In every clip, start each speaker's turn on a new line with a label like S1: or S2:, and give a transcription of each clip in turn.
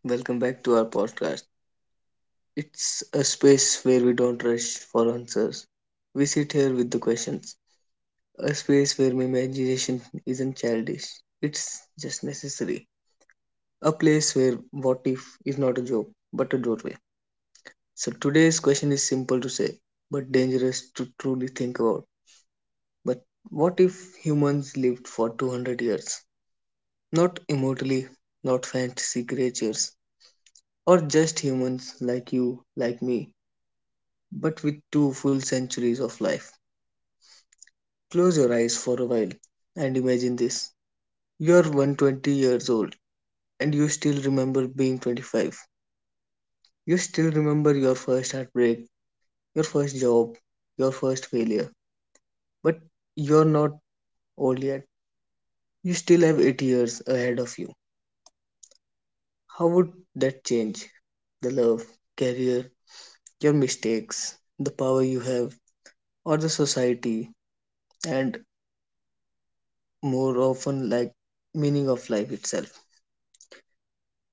S1: Welcome back to our podcast. It's a space where we don't rush for answers. We sit here with the questions. A space where my imagination isn't childish. It's just necessary. A place where what if is not a joke, but a doorway. So today's question is simple to say, but dangerous to truly think about. But What if humans lived for 200 years? Not immortally, not fantasy creatures, or just humans like you, like me, but with two full centuries of life. Close your eyes for a while and imagine this. You're 120 years old and you still remember being 25. You still remember your first heartbreak, your first job, your first failure. But you're not old yet. You still have 80 years ahead of you. How would that change? The love, career, your mistakes, the power you have, or the society, and more often, meaning of life itself.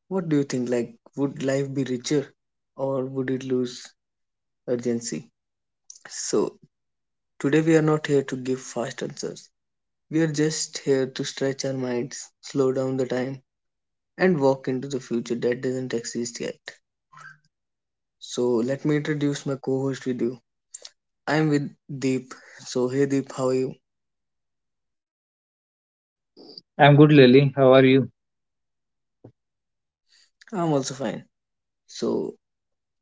S1: What do you think? Would life be richer or would it lose urgency? So, today we are not here to give fast answers. We are just here to stretch our minds, slow down the time, and walk into the future that doesn't exist yet. So, let me introduce my co host with you. I am with Deep. So, hey Deep, how are you?
S2: I'm good, Lily. How are you?
S1: I'm also fine. So,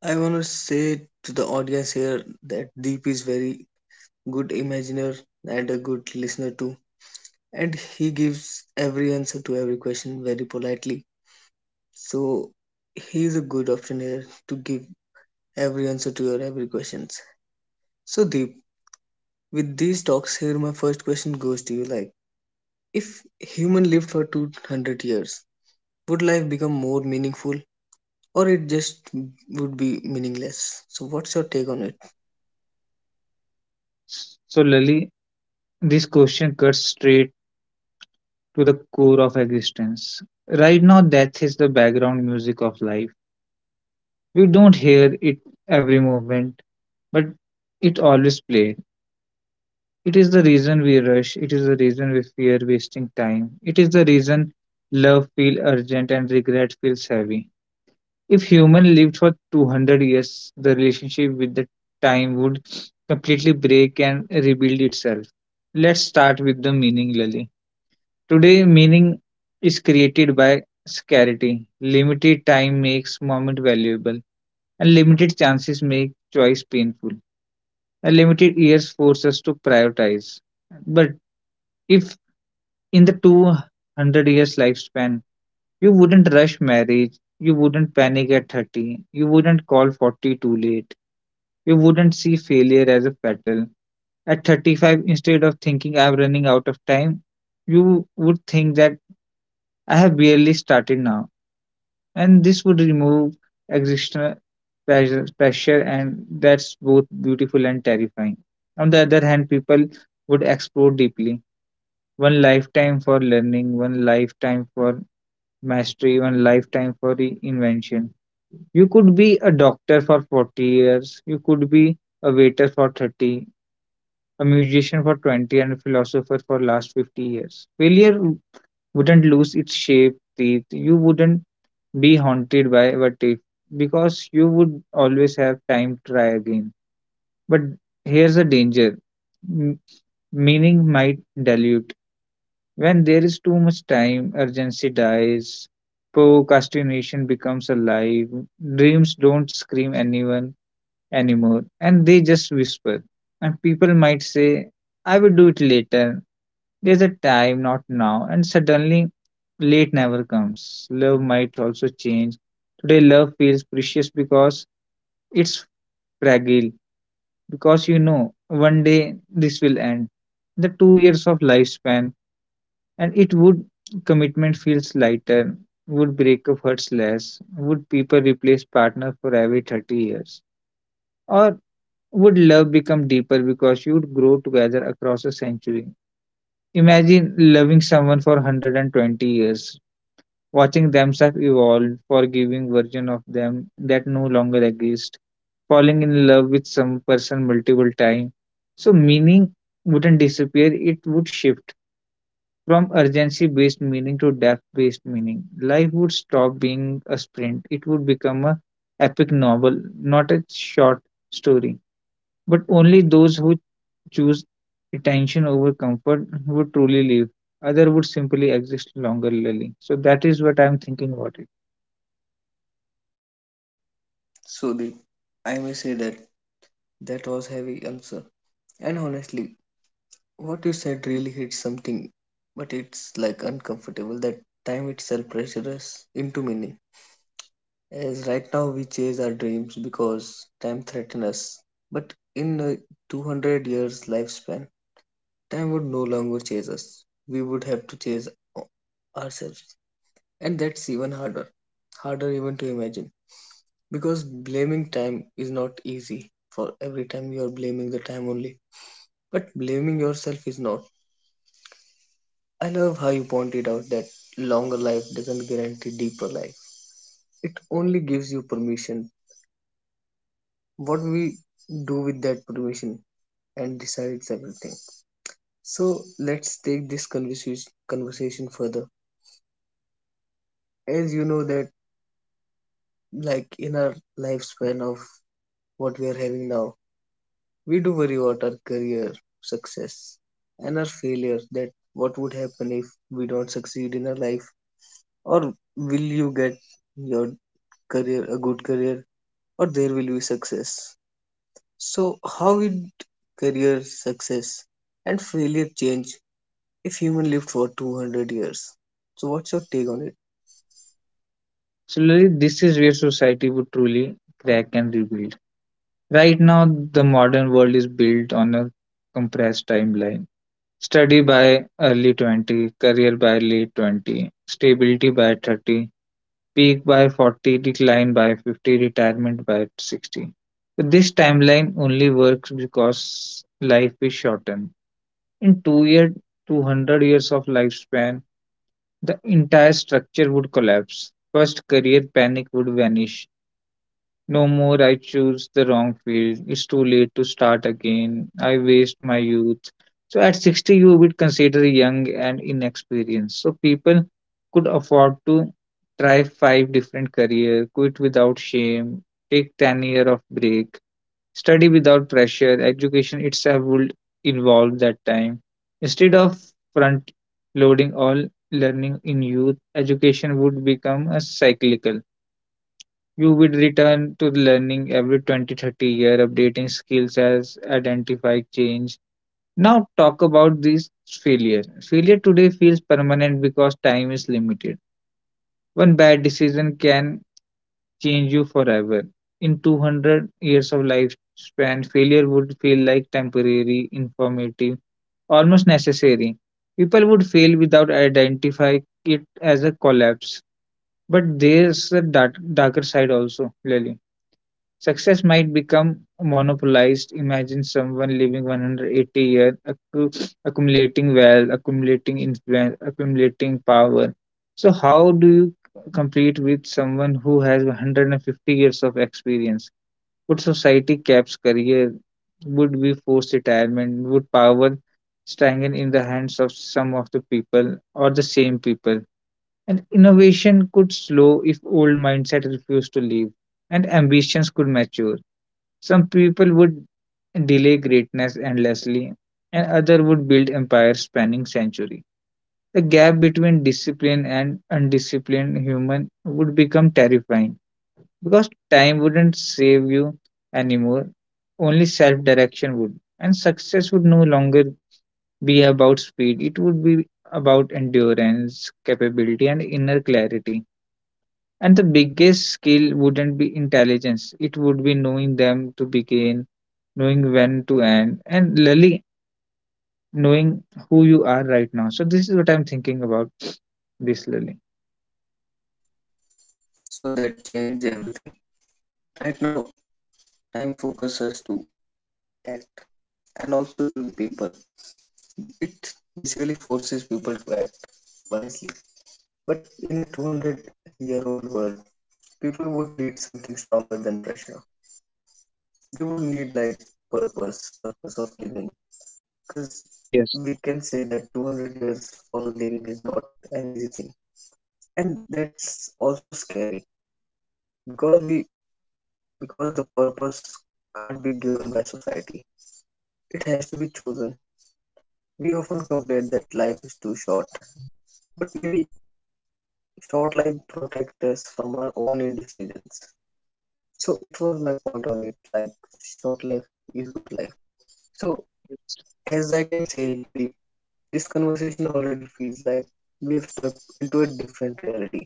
S1: I want to say to the audience here that Deep is very good imaginer and a good listener too, and he gives every answer to every question very politely. So he is a good option here to give every answer to your every questions. So Deep, with these talks here, my first question goes to you, like if human lived for 200 years, would life become more meaningful or it just would be meaningless? So what's your take on it?
S2: So, Lily, this question cuts straight to the core of existence. Right now, death is the background music of life. We don't hear it every moment, but it always plays. It is the reason we rush. It is the reason we fear wasting time. It is the reason love feels urgent and regret feels heavy. If human lived for 200 years, the relationship with the time would completely break and rebuild itself. Let's start with the meaning, Lali. Today, meaning is created by scarcity. Limited time makes moment valuable, and limited chances make choice painful. And limited years force us to prioritize. But if in the 200 years lifespan you wouldn't rush marriage. You wouldn't panic at 30. You wouldn't call 40 too late. You wouldn't see failure as a battle. At 35, instead of thinking I'm running out of time, you would think that I have barely started now. And this would remove existential pressure, and that's both beautiful and terrifying. On the other hand, people would explore deeply. One lifetime for learning, one lifetime for mastery, one lifetime for reinvention. You could be a doctor for 40 years, you could be a waiter for 30, a musician for 20, and a philosopher for last 50 years. Failure wouldn't lose its shape, teeth. You wouldn't be haunted by what if, because you would always have time to try again. But here's the danger. M- Meaning might dilute. When there is too much time, urgency dies, procrastination becomes alive, dreams don't scream anyone anymore and they just whisper, and people might say I will do it later, there's a time not now, and suddenly late never comes. Love might also change. Today love feels precious because it's fragile because you know one day this will end, the 2 years of lifespan, and it would commitment feels lighter, would breakup hurts less, would people replace partner for every 30 years, or would love become deeper because you'd grow together across a century? Imagine loving someone for 120 years, watching themselves evolve, forgiving version of them that no longer exist, falling in love with some person multiple times. So meaning wouldn't disappear, it would shift from urgency based meaning to depth based meaning. Life would stop being a sprint, it would become a epic novel, not a short story. But only those who choose attention over comfort would truly live. Other would simply exist longer, Lily. So that is what I'm thinking about it.
S1: So Deep, I may say that that was heavy answer, and honestly, what you said really hits something, but it's like uncomfortable. That time itself pressures us into meaning. As right now we chase our dreams because time threatens us. But in a 200 years lifespan, time would no longer chase us. We would have to chase o- ourselves. And that's even harder. Harder even to imagine. Because blaming time is not easy. For every time you are blaming the time only. But blaming yourself is not. I love how you pointed out that longer life doesn't guarantee deeper life. It only gives you permission. What we do with that permission and decides everything. So let's take this conversation further. As you know that, like in our lifespan of what we are having now, we do worry about our career, success and our failure, that what would happen if we don't succeed in our life, or will you get your career a good career, or there will be success. So, how would career success and failure change if human lived for 200 years? So, what's your take on it?
S2: So Lily, this is where society would truly crack and rebuild. Right now, the modern world is built on a compressed timeline. Study by early 20, career by late 20, stability by 30, peak by 40, decline by 50, retirement by 60. So this timeline only works because life is shortened. In 2 year, 200 years of lifespan, the entire structure would collapse. First, career panic would vanish. No more I choose the wrong field. It's too late to start again. I waste my youth. So at 60 you would consider young and inexperienced. So people could afford to try five different career, quit without shame, take 10 year of break, study without pressure. Education itself would evolve that time. Instead of front loading all learning in youth, education would become a cyclical. You would return to learning every 20, 30 year, updating skills as identify change. Now, talk about this failure. Failure today feels permanent because time is limited. One bad decision can change you forever. In 200 years of lifespan, failure would feel like temporary, informative, almost necessary. People would fail without identifying it as a collapse. But there's a dark, darker side also, Lily. Success might become monopolized. Imagine someone living 180 years, accumulating wealth, accumulating influence, accumulating power. So, how do you compete with someone who has 150 years of experience? Would society caps career? Would we force retirement? Would power strengthen in the hands of some of the people or the same people? And innovation could slow if old mindset refused to leave and ambitions could mature. Some people would delay greatness endlessly, and other would build empires spanning century. The gap between disciplined and undisciplined human would become terrifying because time wouldn't save you anymore, only self direction would. And success would no longer be about speed, it would be about endurance, capability, and inner clarity. And the biggest skill wouldn't be intelligence, it would be knowing them to begin, knowing when to end, and really knowing who you are right now. So, this is what I'm thinking about this, Lily.
S1: So, that changed everything. Right now, time focuses to act and also to the people. It basically forces people to act wisely. But in a 200-year-old world, people would need something stronger than pressure. They would need like purpose, purpose of living, because
S2: Yes.
S1: we can say that 200 years for a living is not an easy thing, and that's also scary, because we, because the purpose can't be given by society, it has to be chosen. We often complain that life is too short, but maybe short life protects us from our own indecisions. So it was my point on it, like short life is good life. So as I can say, the this conversation already feels like we have stepped into a different reality,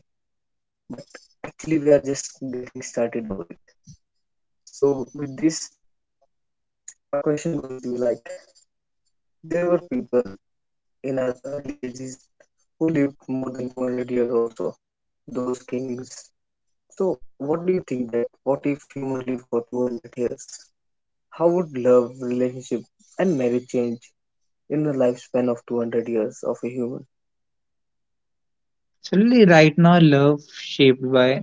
S1: but actually we are just getting started over it. So with this, my question goes to you, like there were people in our early ages who lived more than 200 years also, those kings. So what do you think, that what if human lived for 200 years, how would love relationship and marriage change in the lifespan of 200 years of a human?
S2: So, Lily, right now, love shaped by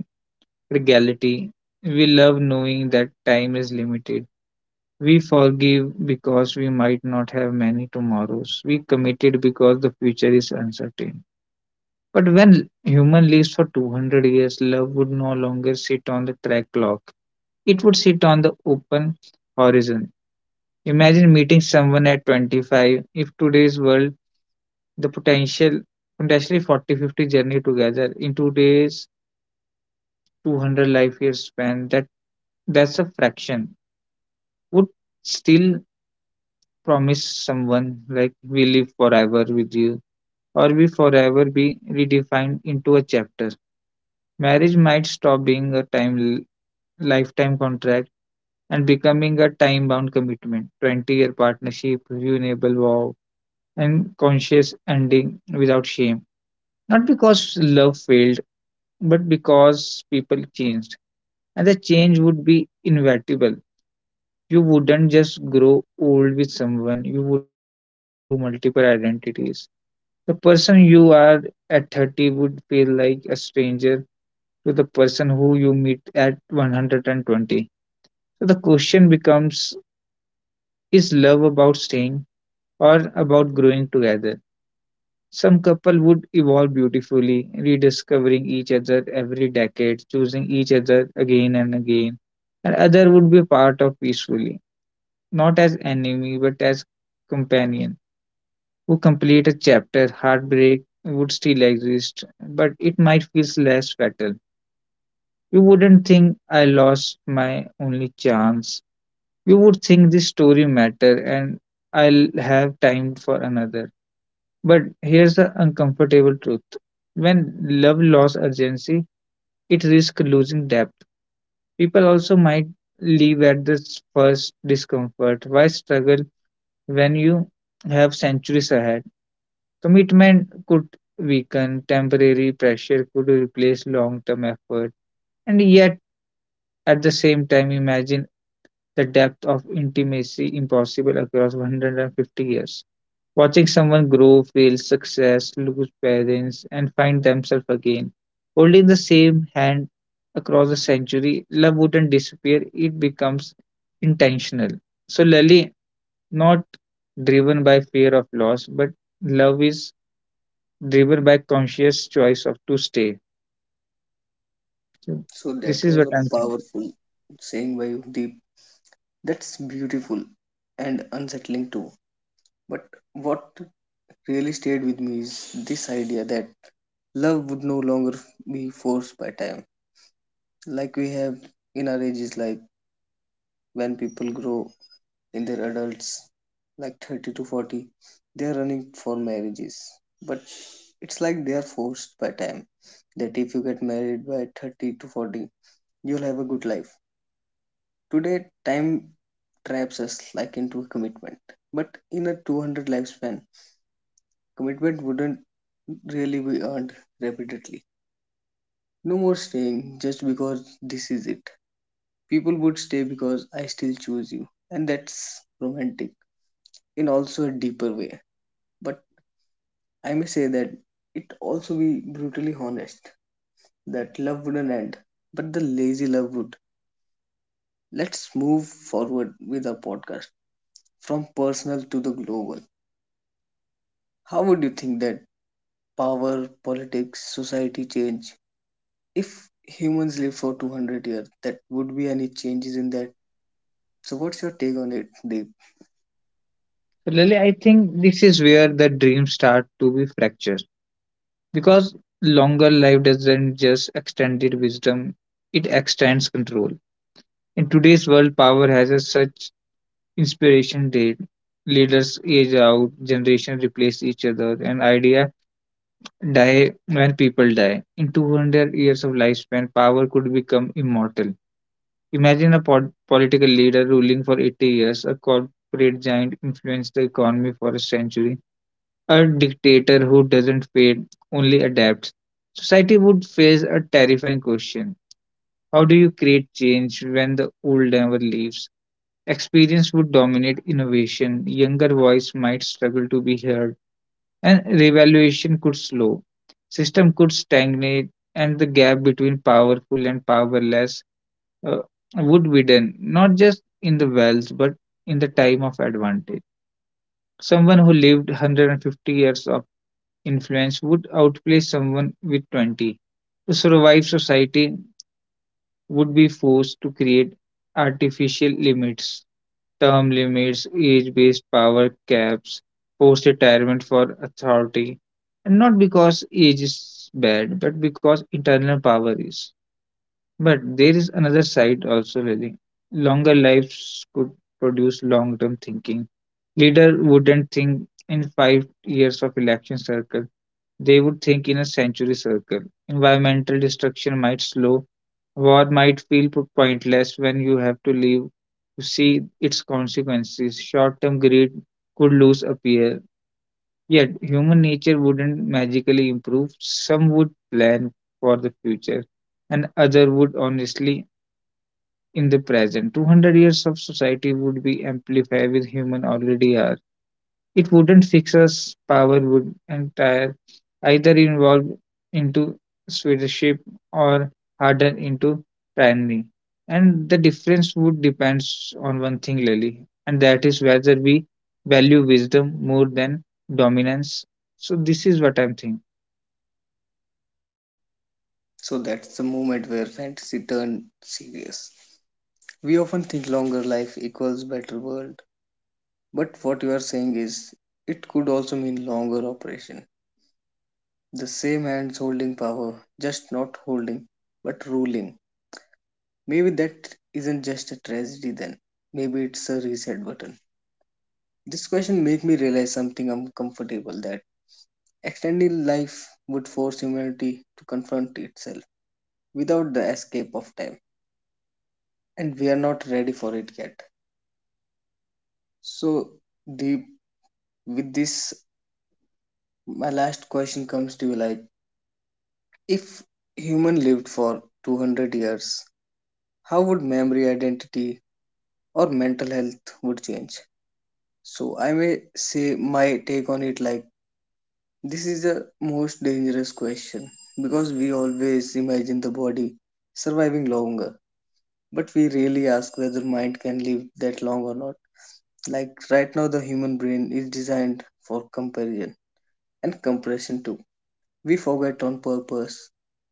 S2: regality. We love knowing that time is limited. We forgive because we might not have many tomorrows. We committed because the future is uncertain. But when human lives for 200 years, love would no longer sit on the track clock. It would sit on the open horizon. Imagine meeting someone at 25. If today's world, the potential, potentially 40-50 journey together in today's 200 life years span, that's a fraction. Would still promise someone like we live forever with you, or we forever be redefined into a chapter. Marriage might stop being a time lifetime contract, and becoming a time bound commitment 20-year partnership, renewable vow, and conscious ending without shame. Not because love failed, but because people changed. And the change would be inevitable. You wouldn't just grow old with someone, you wouldn't go through multiple identities. The person you are at 30 would feel like a stranger to the person who you meet at 120. So the question becomes, is love about staying or about growing together? Some couple would evolve beautifully, rediscovering each other every decade, choosing each other again and again, and other would be a part of peacefully, not as enemy but as companion who complete a chapter. Heartbreak would still exist, but it might feel less fatal. You wouldn't think I lost my only chance. You would think this story matter and I'll have time for another. But here's the uncomfortable truth. When love lost urgency, it risks losing depth. People also might leave at the first discomfort. Why struggle when you have centuries ahead? Commitment could weaken, temporary pressure could replace long term effort. And yet, at the same time, imagine the depth of intimacy impossible across 150 years. Watching someone grow, fail, success, lose parents, and find themselves again. Holding the same hand across a century, love wouldn't disappear, it becomes intentional. So, Lali, not driven by fear of loss, but love is driven by conscious choice of to stay. So,
S1: So
S2: this
S1: that
S2: is
S1: was
S2: what
S1: a
S2: I'm thinking.
S1: powerful saying by you, Deep. That's beautiful and unsettling too. But what really stayed with me is this idea that love would no longer be forced by time. Like we have in our ages, like when people grow in their adults, like 30 to 40, they are running for marriages. But it's like they are forced by time. That if you get married by 30 to 40, you'll have a good life. Today, time traps us like into a commitment. But in a 200 lifespan, commitment wouldn't really be earned repeatedly. No more staying just because this is it. People would stay because I still choose you. And that's romantic in also a deeper way. But I may say that it also be brutally honest, that love wouldn't end, but the lazy love would. Let's move forward with our podcast from personal to the global. How would you think that power, politics, society change? If humans live for 200 years, that would be any changes in that. So, what's your take on it, Deep?
S2: So, Lali, I think this is where the dreams start to be fractured because longer life doesn't just extend its wisdom, it extends control. In today's world, power has a such inspiration date. Leaders age out, generations replace each other, and idea die when people die. In 200 years of lifespan, power could become immortal. Imagine a political leader ruling for 80 years, a corporate giant influenced the economy for a century, a dictator who doesn't fade, only adapts. Society would face a terrifying question. How do you create change when the old never leaves? Experience would dominate innovation, younger voice might struggle to be heard, and revaluation could slow. System could stagnate, and the gap between powerful and powerless uh, would widen, not just in the wealth, but in the time of advantage. Someone who lived 150 years of influence would outplay someone with 20. To survive, society would be forced to create artificial limits. Term limits, age-based power caps, post-retirement for authority, and not because age is bad, but because internal power is. But there is another side also, Lily. Longer lives could produce long-term thinking. Leader wouldn't think in 5 years of election circle, they would think in a century circle. Environmental destruction might slow, war might feel pointless when you have to leave to see its consequences. Short term greed could lose appeal. Yet human nature wouldn't magically improve. Some would plan for the future and other would honestly in the present. 200 years of society would be amplified with human already are. It wouldn't fix us, power would entire either involve into stewardship or harden into tyranny. And the difference would depends on one thing, Lily, and that is whether we value wisdom more than dominance. So this is what I'm thinking.
S1: So that's the moment where fantasy turned serious. We often think longer life equals better world, but what you are saying is it could also mean longer operation. The same hands holding power, just not holding, but ruling. Maybe that isn't just a tragedy then. Maybe it's a reset button. This question made me realize something uncomfortable, that extending life would force humanity to confront itself without the escape of time. And we are not ready for it yet. So, the with this, my last question comes to you, like, if human lived for 200 years, how would memory, identity, or mental health would change? So, I may say my take on it, like, this is the most dangerous question because we always imagine the body surviving longer, but we really ask whether mind can live that long or not. Like right now, the human brain is designed for comparison and compression too. We forget on purpose,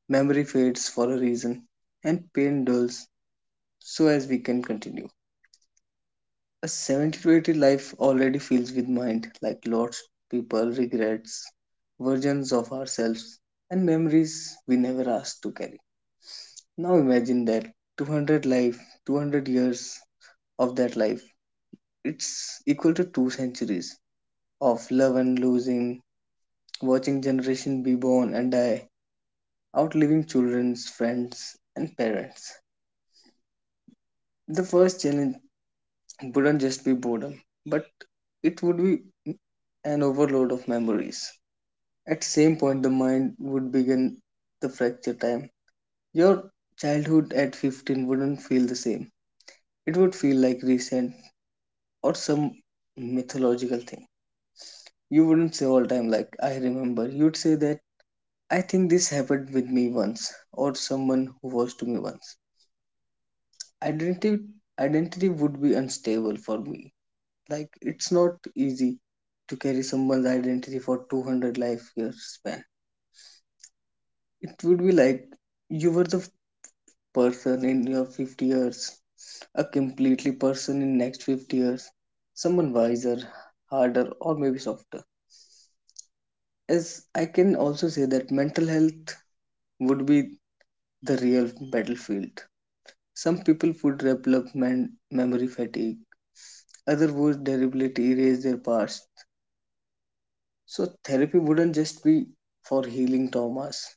S1: memory fades for a reason, and pain dulls so as we can continue. A 70 to 80 life already fills with mind, like lots people, regrets, versions of ourselves, and memories we never asked to carry. Now imagine that 200 life, 200 years of that life, it's equal to two centuries of love and losing, watching generation be born and die, outliving children's friends and parents. The first challenge wouldn't just be boredom, but it would be an overload of memories. At same point, the mind would begin the fracture time. Your childhood at 15 wouldn't feel the same. It would feel like recent or some mythological thing. You wouldn't say all time like I remember. You'd say that I think this happened with me once, or someone who was to me once. Identity identity would be unstable for me. Like it's not easy to carry someone's identity for 200 life years span. It would be like you were the person in your 50 years, a completely person in next 50 years, someone wiser, harder or maybe softer. As I can also say that mental health would be the real battlefield. Some people would develop memory fatigue, others would deliberately erase their past. So therapy wouldn't just be for healing traumas.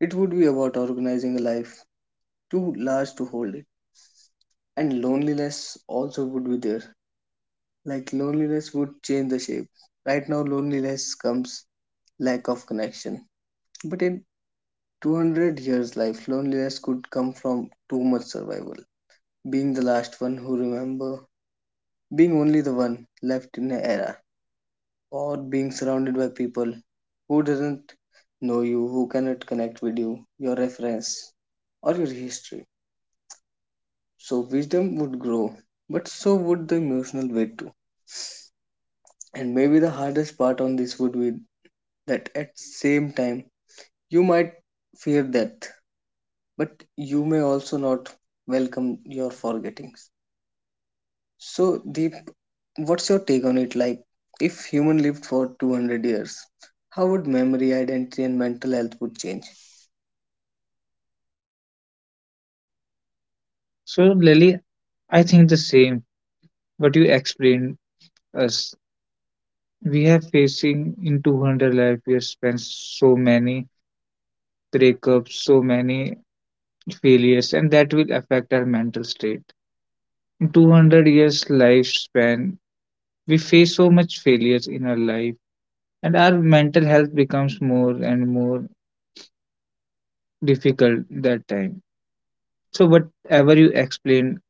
S1: It would be about organizing a life too large to hold it. And loneliness also would be there. Like loneliness would change the shape. Right now loneliness comes lack of connection. But in 200 years life, loneliness could come from too much survival. Being the last one who remember, being only the one left in an era, or being surrounded by people who doesn't know you, who cannot connect with you, your reference or your history. So wisdom would grow, but so would the emotional weight too. And maybe the hardest part on this would be that at same time you might fear death, but you may also not welcome your forgettings. So Deep, what's your take on it? Like if human lived for 200 years, how would memory, identity and mental health would change?
S2: So Lily, I think the same. What you explained us, we have facing in 200 life years spans so many breakups, so many failures and that will affect our mental state. In 200 years lifespan, we face so much failures in our life and our mental health becomes more and more difficult that time. So whatever you explain,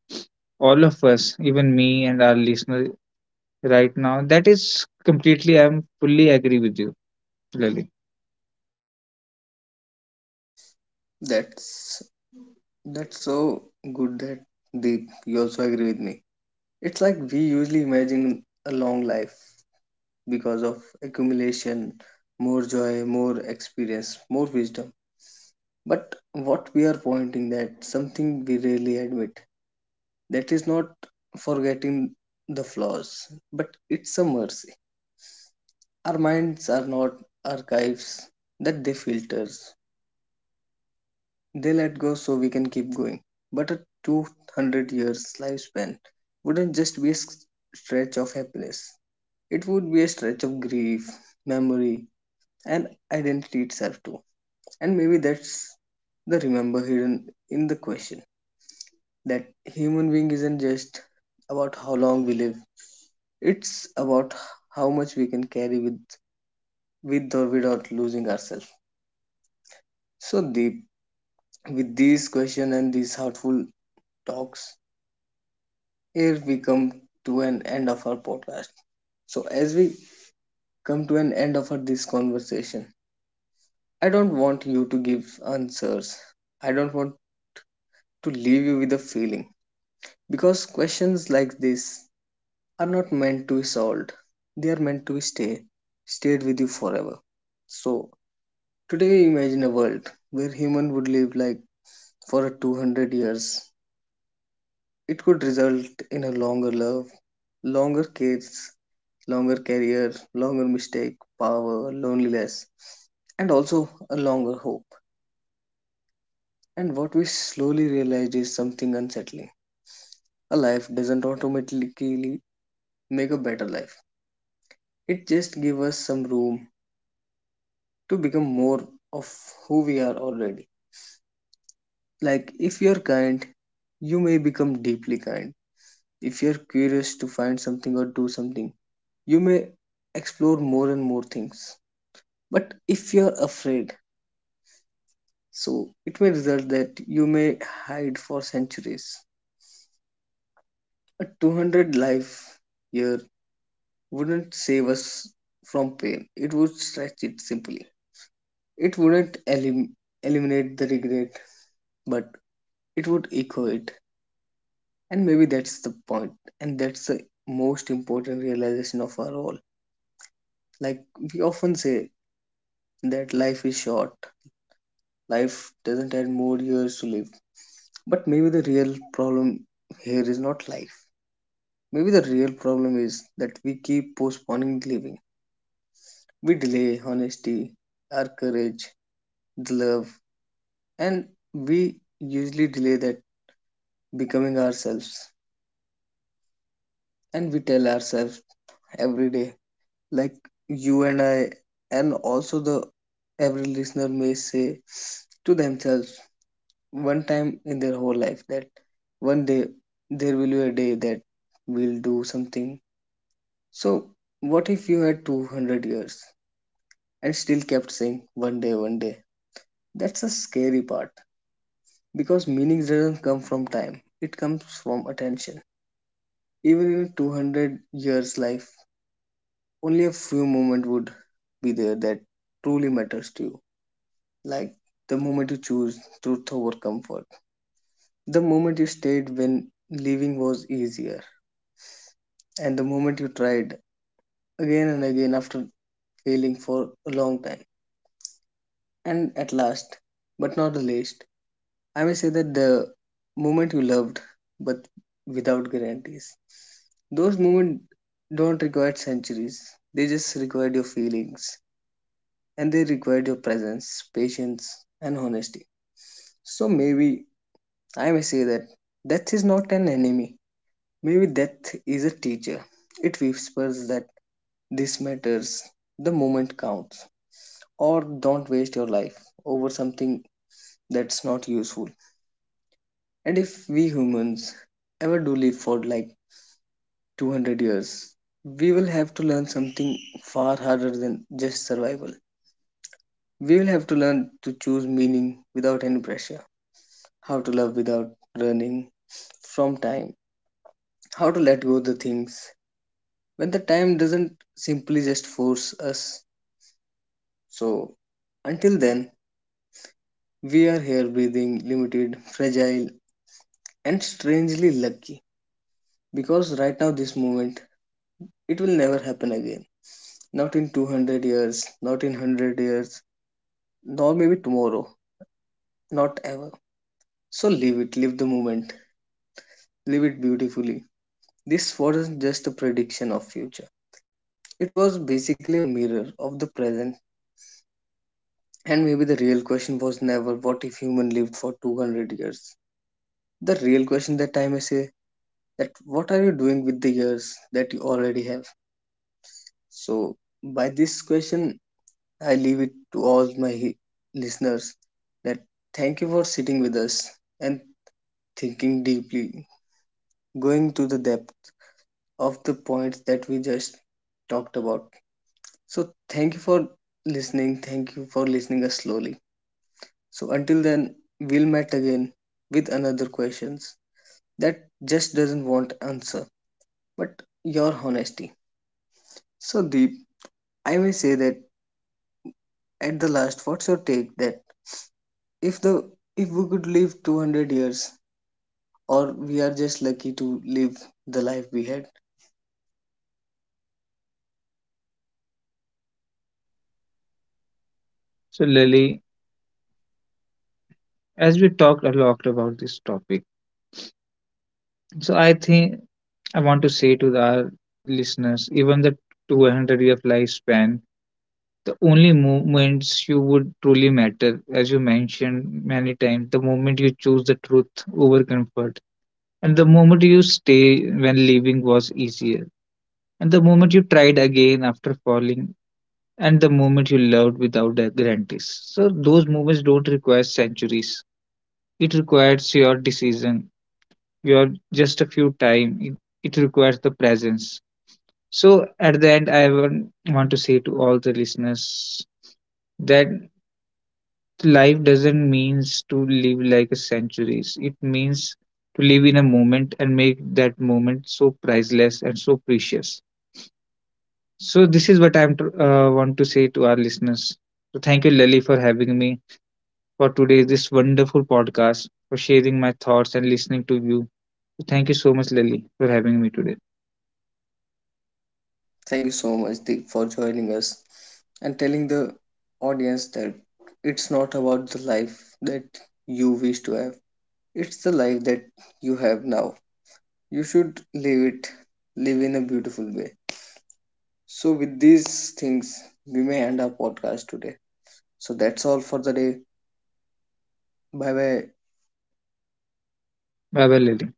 S2: all of us, even me and our listener right now, that is completely I'm fully agree with you, Lily.
S1: That's that's so good that Deep, you also agree with me. It's like we usually imagine a long life because of accumulation, more joy, more experience, more wisdom. But what we are pointing that something we rarely admit. That is not forgetting the flaws, but it's a mercy. Our minds are not archives, that they filter. They let go so we can keep going. But a 200 years lifespan wouldn't just be a stretch of happiness, it would be a stretch of grief, memory, and identity itself, too. And maybe that's the remember hidden in the question, that human being isn't just about how long we live, it's about how much we can carry with or without losing ourselves. So, Deep, with these questions and these heartful talks, here we come to an end of our podcast. So, as we come to an end of this conversation, I don't want you to give answers. I don't want to leave you with a feeling because questions like this are not meant to be solved. They are meant to stayed with you forever. So, today imagine a world where human would live like for a 200 years. It could result in a longer love, longer cares, longer career, longer mistake, power, loneliness, and also a longer hope. And what we slowly realize is something unsettling. A life doesn't automatically make a better life. It just gives us some room to become more of who we are already. Like if you're kind, you may become deeply kind. If you're curious to find something or do something, you may explore more and more things. But if you're afraid, so it may result that you may hide for centuries. A 200 life year wouldn't save us from pain, it would stretch it simply. It wouldn't eliminate the regret, but it would echo it. And maybe that's the point, and that's the most important realization of our all. Like we often say that life is short, life doesn't have more years to live. But maybe the real problem here is not life. Maybe the real problem is that we keep postponing living. We delay honesty, our courage, the love, and we usually delay that becoming ourselves. And we tell ourselves every day, like you and I, and also the every listener may say to themselves one time in their whole life that one day there will be a day that we'll do something. So, what if you had 200 years and still kept saying one day, one day? That's the scary part because meaning doesn't come from time, it comes from attention. Even in a 200 years life, only a few moments would be there that truly matters to you. Like the moment you choose truth over comfort, the moment you stayed when living was easier, and the moment you tried again and again after failing for a long time. And at last, but not the least, I may say that the moment you loved, but without guarantees. Those moments don't require centuries, they just require your feelings and they require your presence, patience, and honesty. So maybe I may say that death is not an enemy, maybe death is a teacher. It whispers that this matters, the moment counts, or don't waste your life over something that's not useful. And if we humans ever do live for like 200 years, we will have to learn something far harder than just survival. We will have to learn to choose meaning without any pressure, how to love without running from time, how to let go of the things when the time doesn't simply just force us. So, until then, we are here breathing, limited, fragile, and strangely lucky because right now, this moment, it will never happen again. Not in 200 years, not in 100 years, nor maybe tomorrow, not ever. So live it, live the moment, live it beautifully. This wasn't just a prediction of future. It was basically a mirror of the present. And maybe the real question was never what if human lived for 200 years. The real question that time is say that what are you doing with the years that you already have? So by this question, I leave it to all my listeners that thank you for sitting with us and thinking deeply, going to the depth of the points that we just talked about. So thank you for listening. Thank you for listening us slowly. So until then, we'll meet again with another questions that just doesn't want answer, but your honesty. So Deep, I may say that at the last, what's your take that if the if we could live 200 years or we are just lucky to live the life we had.
S2: So Lily, as we talked a lot about this topic, so I think I want to say to our listeners, even the 200-year lifespan the only moments you would truly matter, as you mentioned many times, the moment you choose the truth over comfort, and the moment you stay when leaving was easier, and the moment you tried again after falling, and the moment you loved without the guarantees. So those moments don't require centuries. It requires your decision, your just a few time. It requires the presence. So at the end, I want to say to all the listeners that life doesn't means to live like a centuries. It means to live in a moment and make that moment so priceless and so precious. So this is what I am want to say to our listeners. So thank you, Lily, for having me for today this wonderful podcast, for sharing my thoughts and listening to you. So thank you so much, Lily, for having me today.
S1: Thank you so much Deep for joining us, and telling the audience that it's not about the life that you wish to have, it's the life that you have now. You should live it, live in a beautiful way. So, with these things, we may end our podcast today. So, that's all for the day. Bye bye.
S2: Bye bye, Lily.